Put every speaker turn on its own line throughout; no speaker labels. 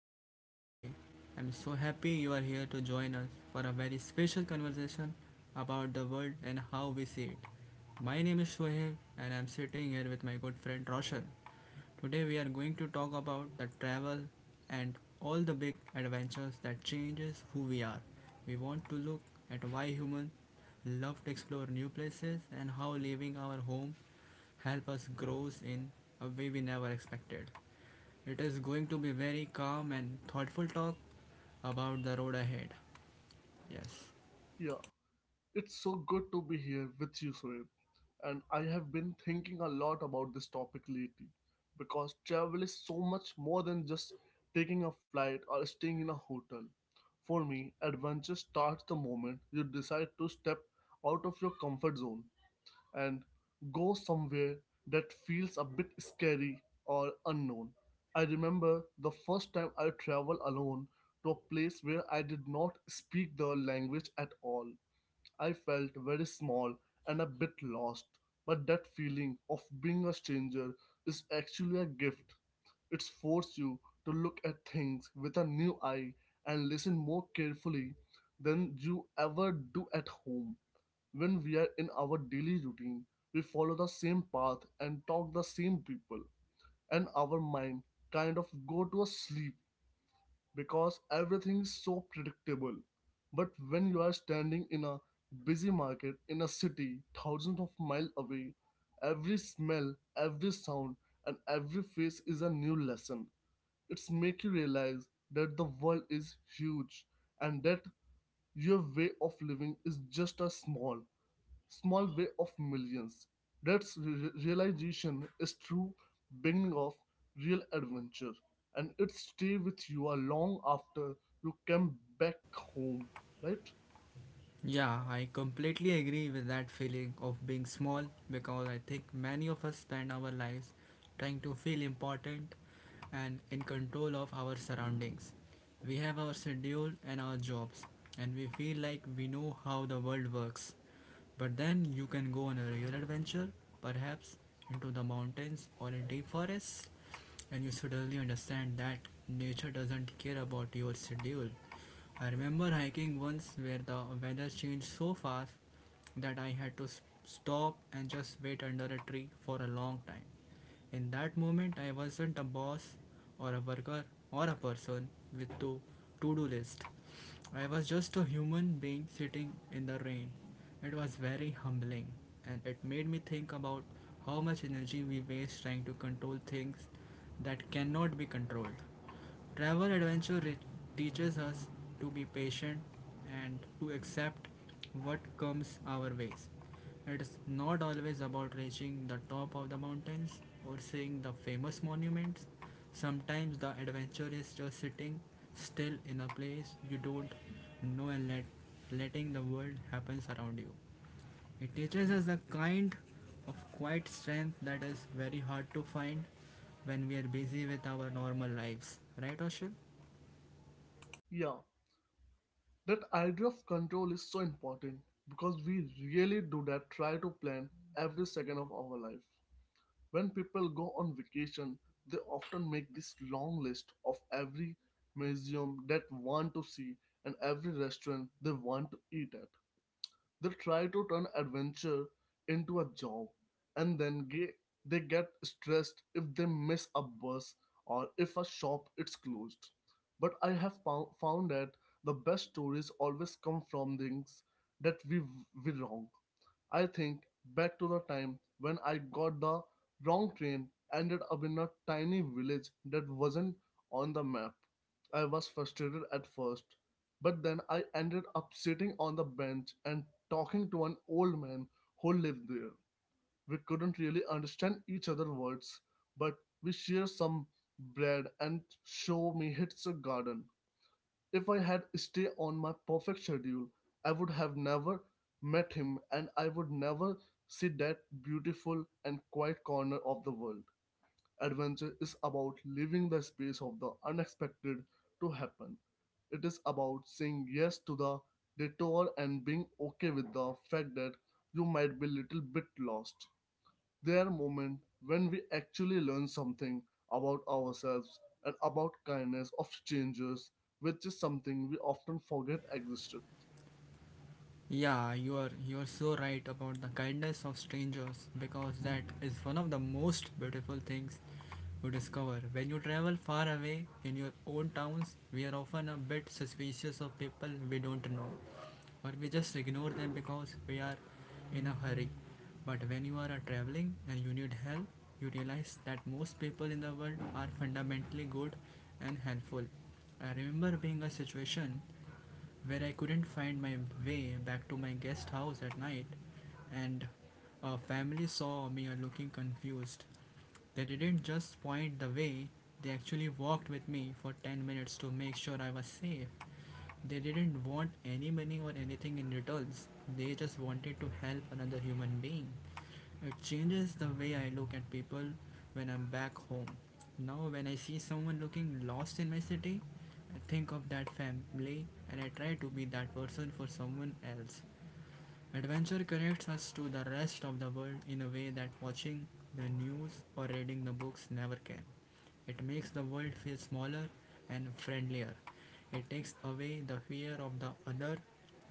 our podcast today. I'm so happy you are here to join us for a very special conversation about the world and how we see it. My name is Shoaib and I'm sitting here with my good friend Roshan. Today we are going to talk about the travel and all the big adventures that changes who we are. We want to look at why humans love to explore new places and how leaving our home help us grow in a way we never expected. It is going to be very calm and thoughtful talk about the road ahead. Yes.
Yeah, it's so good to be here with you, Soeb. And I have been thinking a lot about this topic lately because travel is so much more than just taking a flight or staying in a hotel. For me, adventure starts the moment you decide to step out of your comfort zone and go somewhere that feels a bit scary or unknown. I remember the first time I traveled alone to a place where I did not speak the language at all. I felt very small and a bit lost, but that feeling of being a stranger is actually a gift. It forces you to look at things with a new eye and listen more carefully than you ever do at home. When we are in our daily routine, we follow the same path and talk the same people, and our mind kind of go to a sleep because everything's so predictable. But when you are standing in a busy market in a city thousands of miles away, every smell, every sound, and every face is a new lesson. It's make you realize that the world is huge and that your way of living is just a small way of millions. That realization is true beginning of real adventure, and it stay with you a long after you came back home, right?
Yeah, I completely agree with that feeling of being small because I think many of us spend our lives trying to feel important and in control of our surroundings. We have our schedule and our jobs, and we feel like we know how the world works. But then you can go on a real adventure, perhaps into the mountains or a deep forest, and you suddenly understand that nature doesn't care about your schedule. I remember hiking once where the weather changed so fast that I had to stop and just wait under a tree for a long time. In that moment, I wasn't a boss or a worker or a person with to do list. I was just a human being sitting in the rain. It was very humbling and it made me think about how much energy we waste trying to control things that cannot be controlled. Travel adventure teaches us to be patient and to accept what comes our ways. It is not always about reaching the top of the mountains or seeing the famous monuments. Sometimes the adventure is just sitting still in a place you don't know and letting the world happens around you. It teaches us the kind of quiet strength that is very hard to find when we are busy with our normal lives. Right, Oshul?
Yeah, that idea of control is so important because we really do that try to plan every second of our life. When people go on vacation, they often make this long list of every museum that want to see and every restaurant they want to eat at. They try to turn adventure into a job, and then they get stressed if they miss a bus or if a shop is closed. But I have found that the best stories always come from things that we were wrong. I think back to the time when I got the wrong train, ended up in a tiny village that wasn't on the map. I was frustrated at first, but then I ended up sitting on the bench and talking to an old man who lived there. We couldn't really understand each other words, but we shared some bread and show me hits a garden. If I had stayed on my perfect schedule, I would have never met him, and I would never see that beautiful and quiet corner of the world. Adventure is about leaving the space of the unexpected to happen. It is about saying yes to the detour and being okay with the fact that you might be a little bit lost. They are moments when we actually learn something about ourselves and about kindness of strangers, which is something we often forget existed.
Yeah, you are so right about the kindness of strangers because that is one of the most beautiful things you discover. When you travel far away in your own towns, we are often a bit suspicious of people we don't know or we just ignore them because we are in a hurry. But when you are traveling and you need help, you realize that most people in the world are fundamentally good and helpful. I remember being a situation where I couldn't find my way back to my guest house at night, and a family saw me looking confused. They didn't just point the way, they actually walked with me for 10 minutes to make sure I was safe. They didn't want any money or anything in returns, they just wanted to help another human being. It changes the way I look at people when I'm back home. Now, when I see someone looking lost in my city, I think of that family and I try to be that person for someone else. Adventure connects us to the rest of the world in a way that watching the news or reading the books never can. It makes the world feel smaller and friendlier. It takes away the fear of the other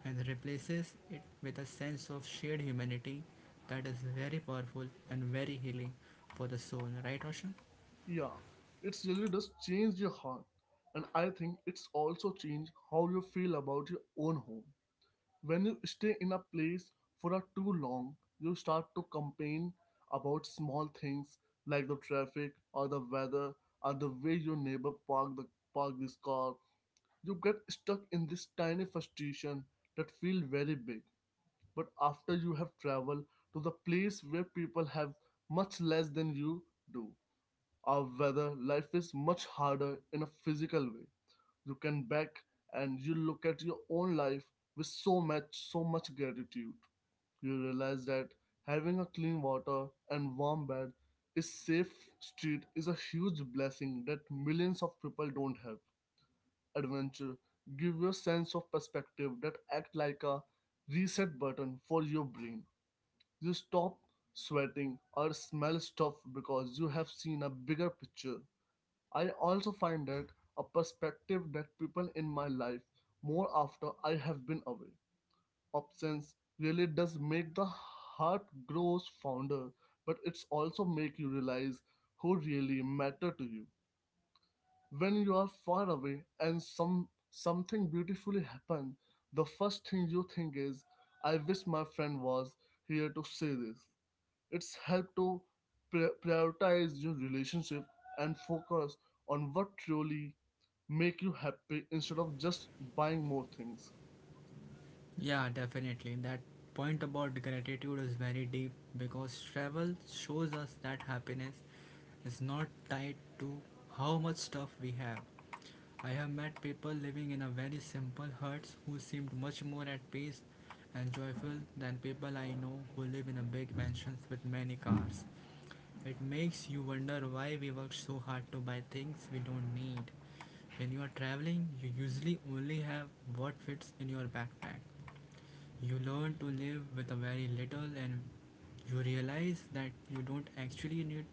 and replaces it with a sense of shared humanity that is very powerful and very healing for the soul, right, Roshan?
Yeah, it really does change your heart, and I think it's also changed how you feel about your own home. When you stay in a place for a too long, you start to complain about small things like the traffic or the weather or the way your neighbor parked his car. You get stuck in this tiny frustration that feel very big. But after you have traveled to the place where people have much less than you do, or whether life is much harder in a physical way, you can back and you look at your own life with so much, so much gratitude. You realize that having a clean water and warm bed is safe street is a huge blessing that millions of people don't have. Adventure give you a sense of perspective that act like a reset button for your brain. You stop sweating or smell stuff because you have seen a bigger picture. I also find that a perspective that people in my life more after I have been away. Absence really does make the heart grows fonder, but it's also make you realize who really matter to you. When you are far away and something beautifully happens, the first thing you think is, I wish my friend was here to see this. It's helped to prioritize your relationship and focus on what truly make you happy instead of just buying more things.
Yeah, definitely. That point about gratitude is very deep because travel shows us that happiness is not tied to how much stuff we have. I have met people living in a very simple huts who seemed much more at peace and joyful than people I know who live in a big mansions with many cars. It makes you wonder why we work so hard to buy things we don't need. When you are traveling, you usually only have what fits in your backpack. You learn to live with a very little, and you realize that you don't actually need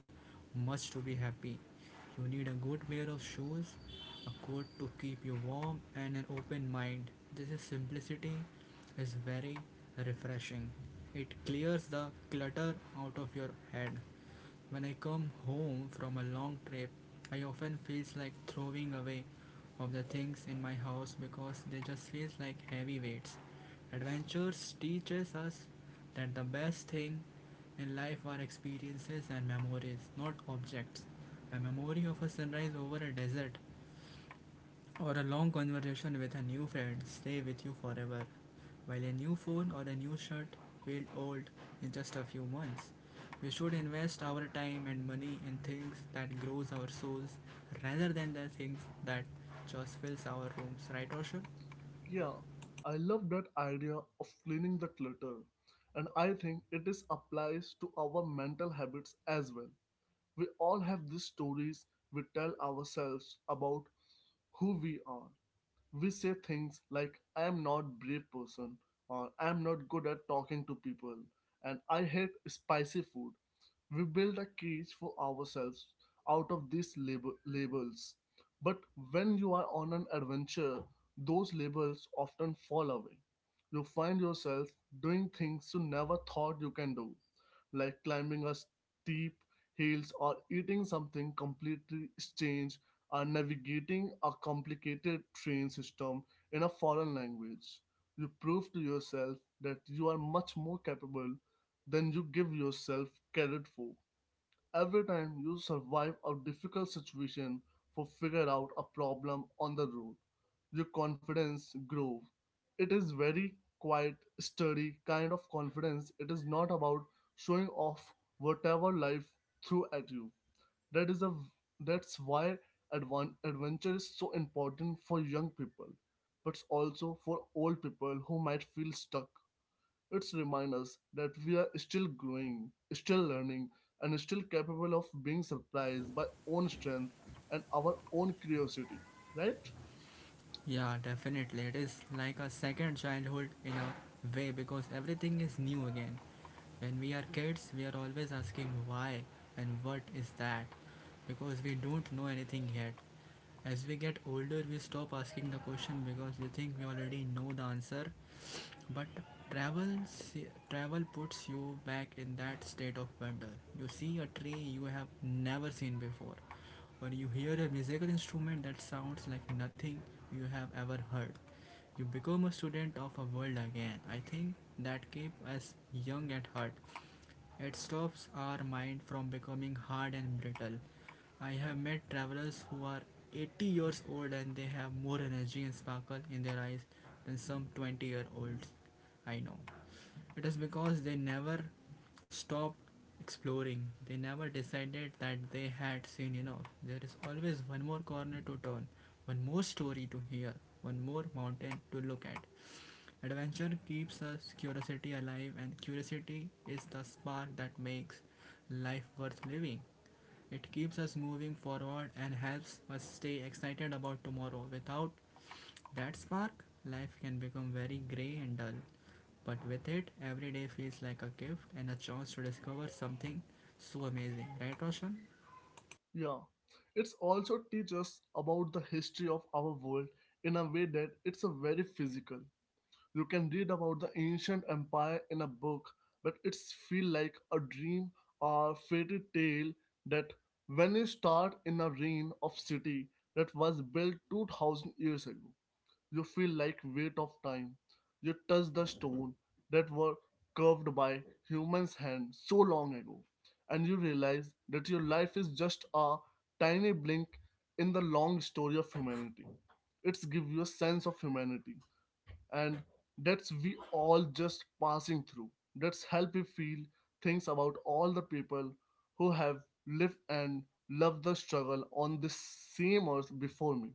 much to be happy. You need a good pair of shoes, a coat to keep you warm, and an open mind. This is simplicity is very refreshing. It clears the clutter out of your head. When I come home from a long trip, I often feel like throwing away of the things in my house because they just feel like heavy weights. Adventures teaches us that the best thing in life are experiences and memories, not objects. A memory of a sunrise over a desert or a long conversation with a new friend stay with you forever. While a new phone or a new shirt will old in just a few months, we should invest our time and money in things that grows our souls rather than the things that just fills our rooms, right Oshu?
Yeah, I love that idea of cleaning the clutter, and I think it is applies to our mental habits as well. We all have these stories we tell ourselves about who we are. We say things like, I am not brave person, or I am not good at talking to people, and I hate spicy food. We build a cage for ourselves out of these labels. But when you are on an adventure, those labels often fall away. You find yourself doing things you never thought you can do, like climbing a steep hills or eating something completely strange are navigating a complicated train system in a foreign language. You prove to yourself that you are much more capable than you give yourself credit for. Every time you survive a difficult situation for figure out a problem on the road, your confidence grows. It is very quiet, sturdy kind of confidence. It is not about showing off whatever life threw at you. That is a that's why adventure is so important for young people, but also for old people who might feel stuck. It's remind us that we are still growing, still learning, and still capable of being surprised by own strength and our own curiosity. Right?
Yeah, definitely. It is like a second childhood in a way because everything is new again. When we are kids, we are always asking why and what is that because we don't know anything yet. As we get older, we stop asking the question because we think we already know the answer. But travel puts you back in that state of wonder. You see a tree you have never seen before, or you hear a musical instrument that sounds like nothing you have ever heard. You become a student of a world again. I think that keeps us young at heart. It stops our mind from becoming hard and brittle. I have met travelers who are 80 years old and they have more energy and sparkle in their eyes than some 20-year-olds I know. It is because they never stopped exploring. They never decided that they had seen enough. There is always one more corner to turn, one more story to hear, one more mountain to look at. Adventure keeps us curiosity alive, and curiosity is the spark that makes life worth living. It keeps us moving forward and helps us stay excited about tomorrow. Without that spark, life can become very grey and dull. But with it, every day feels like a gift and a chance to discover something so amazing, right, Roshan?
Yeah. It's also teach us about the history of our world in a way that it's a very physical. You can read about the ancient empire in a book, but it's feel like a dream or fairy tale that when you start in a reign of city that was built 2000 years ago, you feel like weight of time. You touch the stone that were carved by humans' hands so long ago, and you realize that your life is just a tiny blink in the long story of humanity. It's give you a sense of humanity, and that's we all just passing through. That's help you feel things about all the people who have lived and loved the struggle on this same earth before me.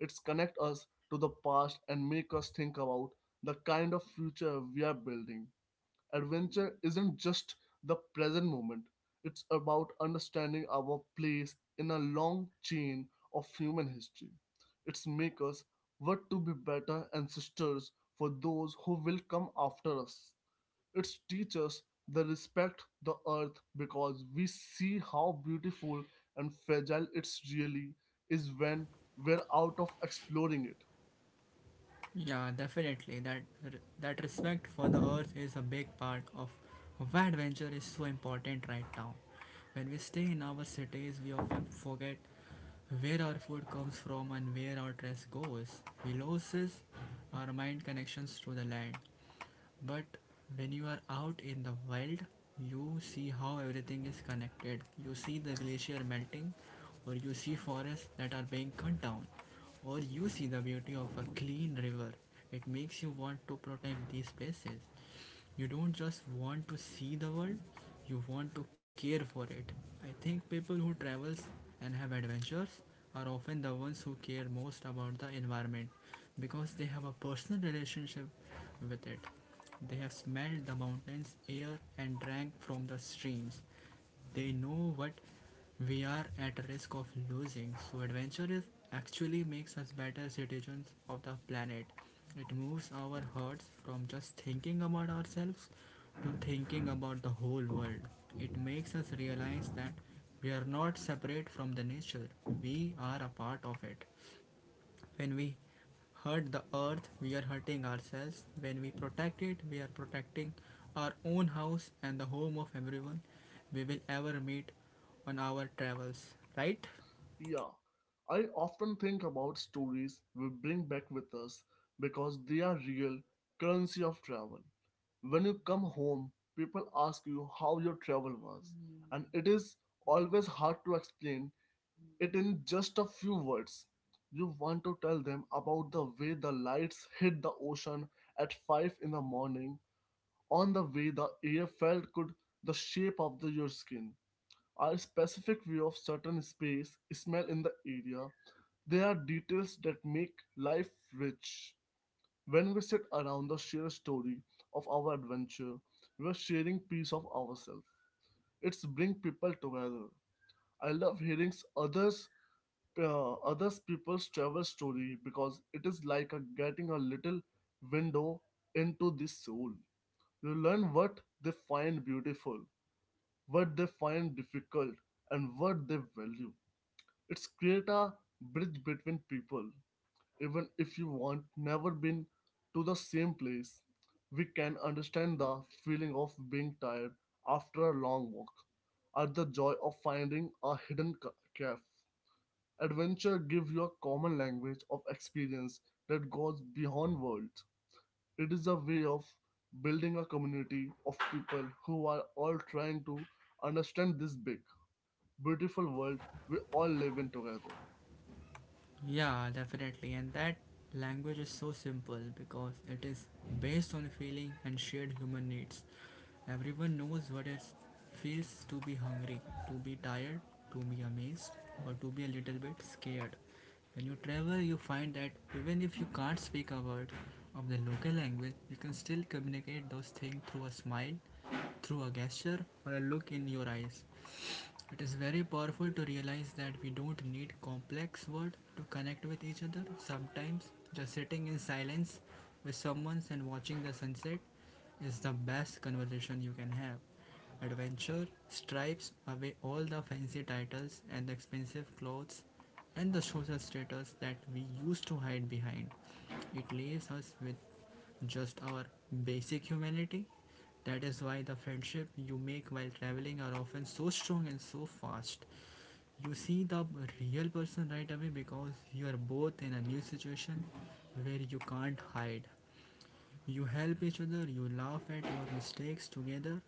It's connect us to the past and make us think about the kind of future we are building. Adventure isn't just the present moment, it's about understanding our place in a long chain of human history. It's make us what to be better ancestors for those who will come after us. It's teach us the respect the earth because we see how beautiful and fragile it's really is when we're out of exploring it.
Yeah, definitely. That respect for the earth is a big part of why adventure is so important right now. When we stay in our cities, we often forget where our food comes from and where our dress goes. We lose our mind connections to the land. But when you are out in the wild, you see how everything is connected. You see the glacier melting, or you see forests that are being cut down, or you see the beauty of a clean river. It makes you want to protect these places. You don't just want to see the world, you want to care for it. I think people who travels and have adventures are often the ones who care most about the environment because they have a personal relationship with it. They have smelled the mountains, air and drank from the streams. They know what we are at risk of losing. So, adventure is actually makes us better citizens of the planet. It moves our hearts from just thinking about ourselves to thinking about the whole world. It makes us realize that we are not separate from the nature, we are a part of it. When we hurt the earth, we are hurting ourselves. When we protect it, we are protecting our own house and the home of everyone we will ever meet on our travels, right?
Yeah, I often think about stories we bring back with us because they are real currency of travel. When you come home, people ask you how your travel was, and it is always hard to explain it in just a few words. You want to tell them about the way the lights hit the ocean at 5 in the morning, on the way the air felt good, the shape of your skin, our specific view of certain space, smell in the area, they are details that make life rich. When we sit around the share story of our adventure, we're sharing piece of ourselves. It's bring people together. I love hearing others others people's travel story because it is like a getting a little window into the soul. You learn what they find beautiful, what they find difficult, and what they value. It's create a bridge between people even if you want never been to the same place. We can understand the feeling of being tired after a long walk, or the joy of finding a hidden cave. Adventure gives you a common language of experience that goes beyond words. It is a way of building a community of people who are all trying to understand this big, beautiful world we all live in together.
Yeah, definitely. And that language is so simple because it is based on feeling and shared human needs. Everyone knows what it feels to be hungry, to be tired, to be amazed, or to be a little bit scared. When you travel, you find that even if you can't speak a word of the local language, you can still communicate those things through a smile, through a gesture, or a look in your eyes. It is very powerful to realize that we don't need complex words to connect with each other. Sometimes, just sitting in silence with someone and watching the sunset is the best conversation you can have. Adventure stripes away all the fancy titles and the expensive clothes and the social status that we used to hide behind. It leaves us with just our basic humanity. That is why the friendship you make while traveling are often so strong and so fast. You see the real person right away because you are both in a new situation where you can't hide. You help each other, you laugh at your mistakes together,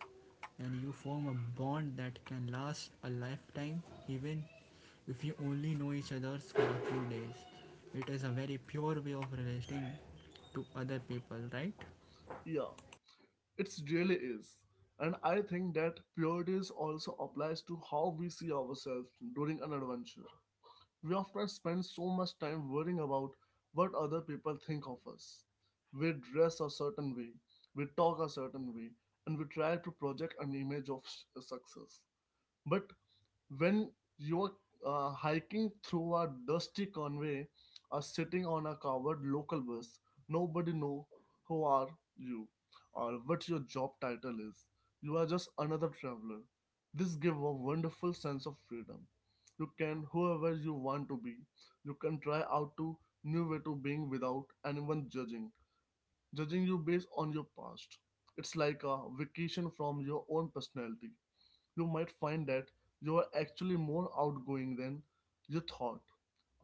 and you form a bond that can last a lifetime even if you only know each other for a few days. It is a very pure way of relating to other people, right?
Yeah. It really is. And I think that purity is also applies to how we see ourselves during an adventure. We often spend so much time worrying about what other people think of us. We dress a certain way, we talk a certain way, and we try to project an image of success. But when you're hiking through a dusty conway or sitting on a covered local bus, nobody know who are you or what your job title is. You are just another traveler. This gives a wonderful sense of freedom. You can whoever you want to be. You can try out to new way to being without anyone judging you based on your past. It's like a vacation from your own personality. You might find that you are actually more outgoing than you thought,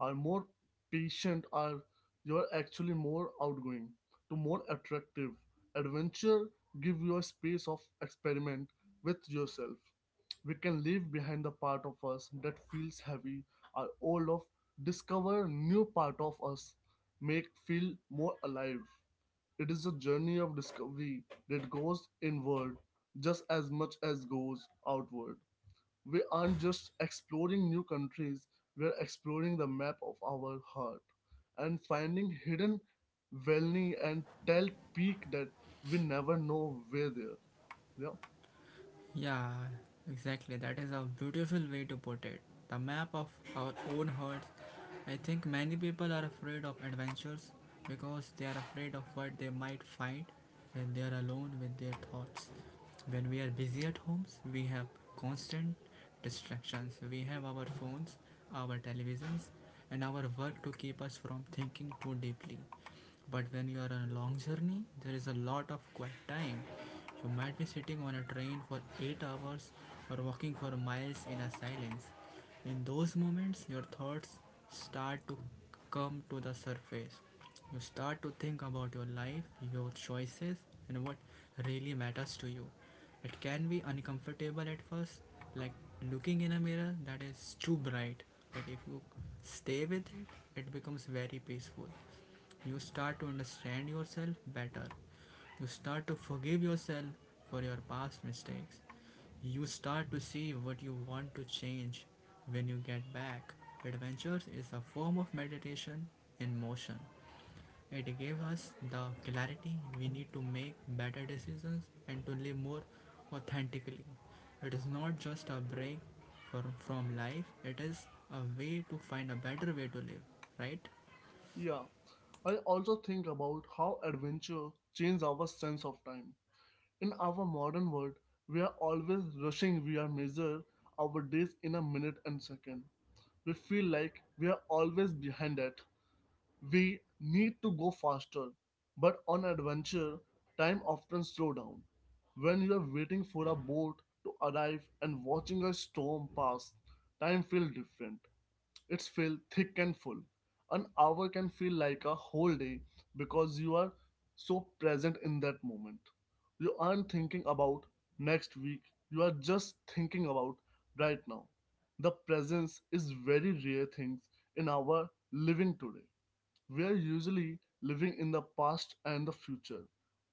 are more patient, are you are actually more outgoing, to more attractive. Adventure give you a space of experiment with yourself. We can leave behind the part of us that feels heavy or old of discover new part of us make feel more alive. It is a journey of discovery that goes inward just as much as goes outward. We aren't just exploring new countries, we're exploring the map of our heart and finding hidden valley and tall peak that we never know were there. Yeah.
Yeah, exactly. That is a beautiful way to put it. The map of our own hearts. I think many people are afraid of adventures because they are afraid of what they might find when they are alone with their thoughts. When we are busy at homes, we have constant distractions. We have our phones, our televisions, and our work to keep us from thinking too deeply. But when you are on a long journey, there is a lot of quiet time. You might be sitting on a train for 8 hours or walking for miles in a silence. In those moments, your thoughts start to come to the surface. You start to think about your life, your choices, and what really matters to you. It can be uncomfortable at first, like looking in a mirror that is too bright, but if you stay with it, it becomes very peaceful. You start to understand yourself better. You start to forgive yourself for your past mistakes. You start to see what you want to change when you get back. Adventures is a form of meditation in motion. It gave us the clarity we need to make better decisions and to live more authentically. It is not just a break from life, it is a way to find a better way to live, right?
Yeah. I also think about how adventure changes our sense of time. In our modern world, we are always rushing, we are measure our days in a minute and second. We feel like we are always behind that. We need to go faster, but on adventure time often slow down when you are waiting for a boat to arrive and watching a storm pass, time feels different. It's feel thick and full. An hour can feel like a whole day because you are so present in that moment. You aren't thinking about next week, you are just thinking about right now. The presence is very rare things in our living today. We are usually living in the past and the future,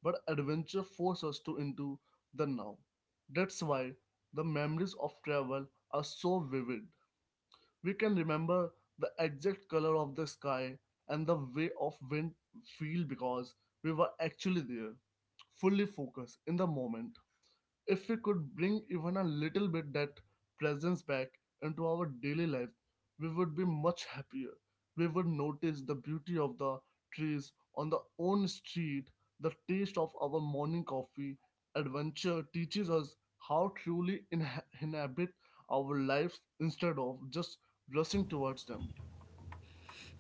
but adventure forces us to into the now. That's why the memories of travel are so vivid. We can remember the exact color of the sky and the way of wind feel because we were actually there, fully focused in the moment. If we could bring even a little bit that presence back into our daily life, we would be much happier. We would notice the beauty of the trees on the own street, the taste of our morning coffee. Adventure teaches us how truly inhabit our lives instead of just rushing towards them.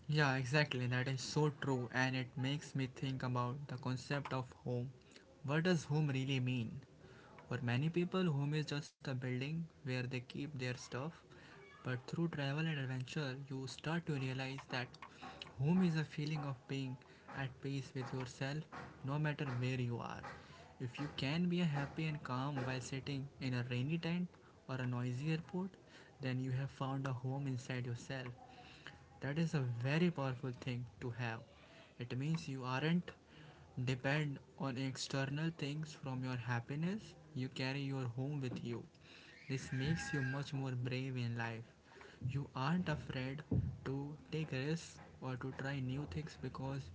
Yeah, exactly. That is so true, and it makes me think about the concept of home. What does home really mean? For many people, home is just a building where they keep their stuff. But through travel and adventure, you start to realize that home is a feeling of being at peace with yourself no matter where you are. If you can be happy and calm while sitting in a rainy tent or a noisy airport, then you have found a home inside yourself. That is a very powerful thing to have. It means you aren't depend on external things from your happiness. You carry your home with you. This makes you much more brave in life. You aren't afraid to take risks or to try new things because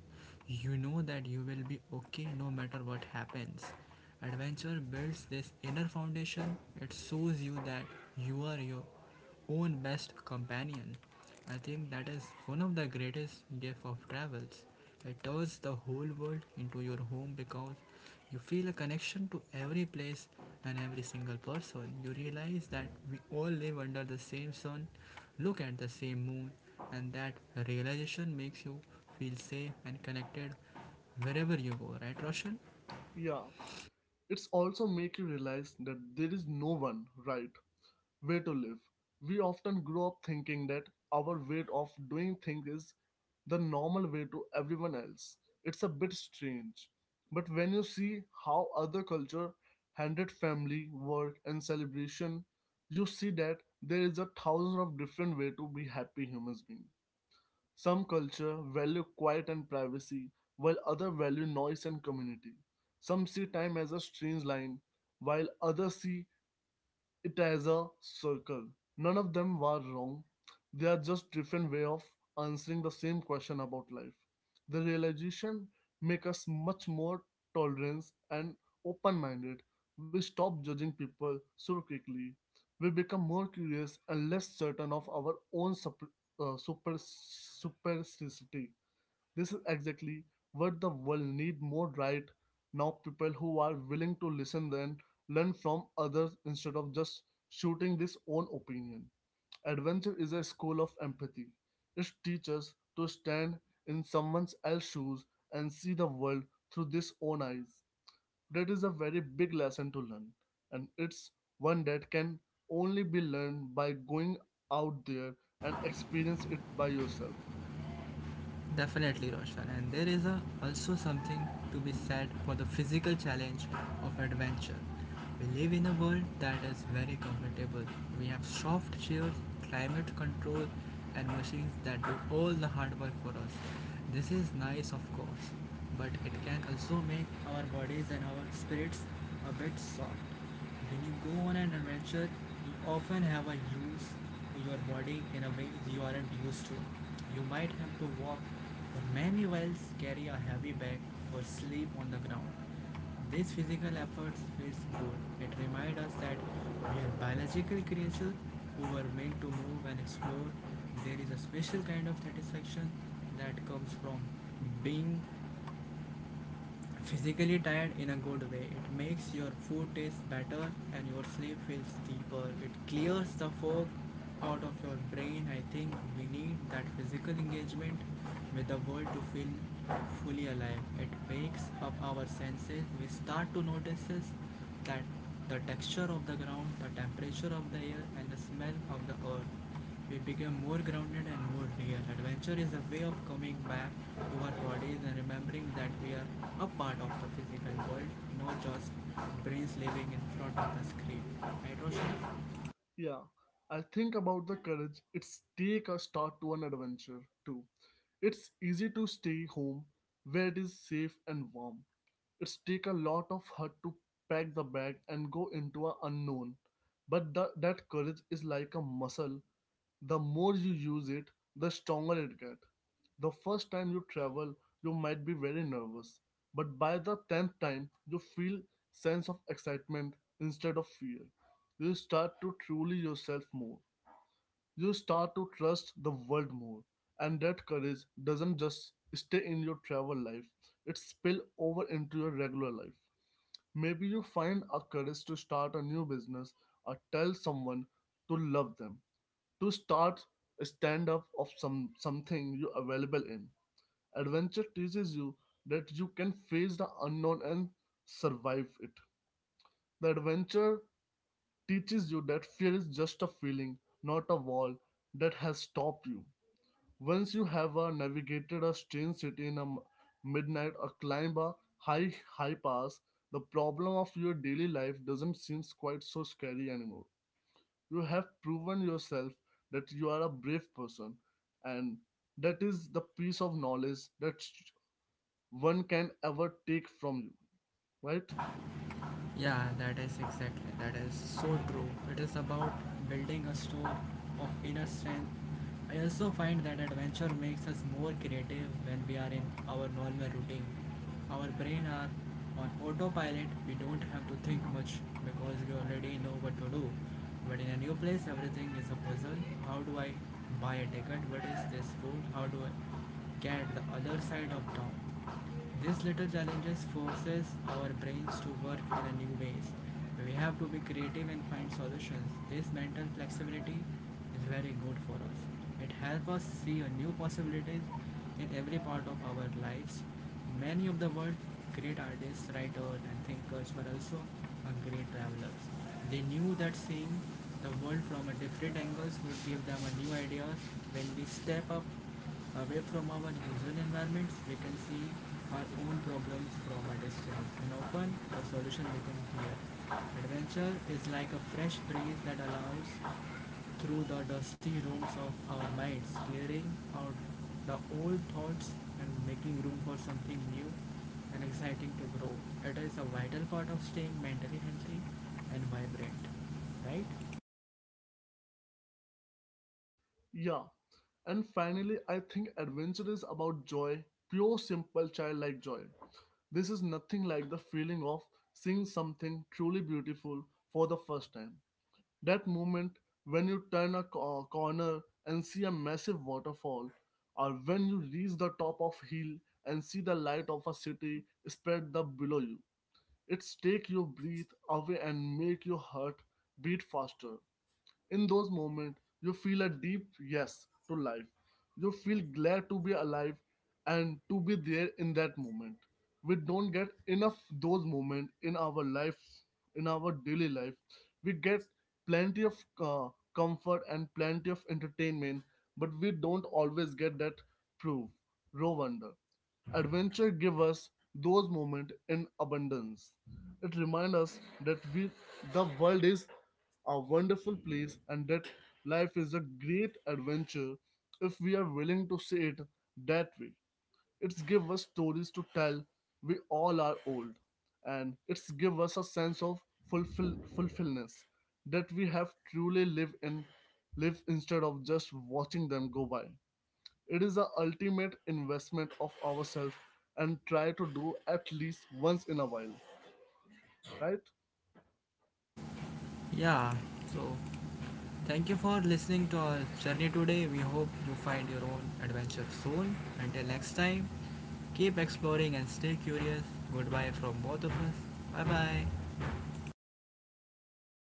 you know that you will be okay no matter what happens. Adventure builds this inner foundation. It shows you that you are your own best companion. I think that is one of the greatest gift of travels. It turns the whole world into your home because you feel a connection to every place and every single person. You realize that we all live under the same sun, look at the same moon, and that realization makes you feel safe and connected wherever you go, right, Roshan?
Yeah, it's also make you realize that there is no one right way to live. We often grow up thinking that our way of doing things is the normal way to everyone else. It's a bit strange. But when you see how other culture handled family, work and celebration, you see that there is a thousand of different way to be happy humans being. Some culture value quiet and privacy, while other value noise and community. Some see time as a strange line, while others see it as a circle. None of them were wrong. They are just different way of answering the same question about life. The realization make us much more tolerant and open-minded. We stop judging people so quickly. We become more curious and less certain of our own super supersticity. This is exactly what the world need more right now, people who are willing to listen and learn from others instead of just shooting this own opinion. Adventure is a school of empathy. It teaches to stand in someone else's shoes and see the world through this own eyes. That is a very big lesson to learn, and it's one that can only be learned by going out there and experience it by yourself.
Definitely, Roshan. And also something to be said for the physical challenge of adventure. We live in a world that is very comfortable. We have soft chairs, climate control, and machines that do all the hard work for us. This is nice, of course, but it can also make our bodies and our spirits a bit soft. When you go on an adventure, you often have a use your body in a way you aren't used to. You might have to walk many whales carry a heavy bag or sleep on the ground. This physical effort feels good. It reminds us that we are biological creatures who were meant to move and explore. There is a special kind of satisfaction that comes from being physically tired in a good way. It makes your food taste better and your sleep feels deeper. It clears the fog out of your brain. I think we need that physical engagement with the world to feel fully alive. It wakes up our senses. We start to notice that the texture of the ground, the temperature of the air, and the smell of the earth. We become more grounded and more real. Adventure is a way of coming back to our bodies and remembering that we are a part of the physical world, not just brains living in front of the screen. Right, Roshan?
Yeah, I think about the courage it's take a start to an adventure too. It's easy to stay home where it is safe and warm. It's take a lot of heart to pack the bag and go into a unknown. That courage is like a muscle. The more you use it, the stronger it gets. The first time you travel, you might be very nervous, but by the 10th time, you feel sense of excitement instead of fear. You start to truly yourself more. You start to trust the world more. And that courage doesn't just stay in your travel life, it spill over into your regular life. Maybe you find a courage to start a new business or tell someone to love them to start a stand up of some something you available in. Adventure teaches you that you can face the unknown and survive it. The adventure teaches you that fear is just a feeling, not a wall that has stopped you. Once you have navigated a strange city in a midnight or climb a high high pass, the problem of your daily life doesn't seem quite so scary anymore. You have proven yourself that you are a brave person, and that is the piece of knowledge that one can ever take from you, right?
Yeah, that is exactly. That is so true. It is about building a store of inner strength. I also find that adventure makes us more creative when we are in our normal routine. Our brain are on autopilot. We don't have to think much because we already know what to do. But in a new place, everything is a puzzle. How do I buy a ticket? What is this food? How do I get the other side of town? These little challenges forces our brains to work in a new ways. We have to be creative and find solutions. This mental flexibility is very good for us. It helps us see a new possibilities in every part of our lives. Many of the world's great artists, writers and thinkers were also great travelers. They knew that seeing the world from a different angles would give them a new ideas when we step up away from our usual environments, we can see our own problems from a distance, and often the solution becomes clear. Adventure is like a fresh breeze that allows through the dusty rooms of our minds, clearing out the old thoughts and making room for something new and exciting to grow. It is a vital part of staying mentally healthy and vibrant, right?
Yeah, and finally I think adventure is about joy, pure simple childlike joy. This is nothing like the feeling of seeing something truly beautiful for the first time. That moment when you turn a corner and see a massive waterfall, or when you reach the top of hill and see the light of a city spread the below you. It's take your breath away and make your heart beat faster. In those moments, you feel a deep yes to life. You feel glad to be alive and to be there in that moment. We don't get enough those moments in our life, in our daily life. We get plenty of comfort and plenty of entertainment, but we don't always get that proof, raw wonder. Adventure give us those moments in abundance. It reminds us that we, the world is a wonderful place and that life is a great adventure if we are willing to see it that way. It's give us stories to tell. We all are old, and it's give us a sense of fulfillness that we have truly live in live instead of just watching them go by. It is the ultimate investment of ourselves and try to do at least once in a while, right?
Yeah, so, thank you for listening to our journey today. We hope you find your own adventure soon. Until next time, keep exploring and stay curious. Goodbye from both of us. Bye bye.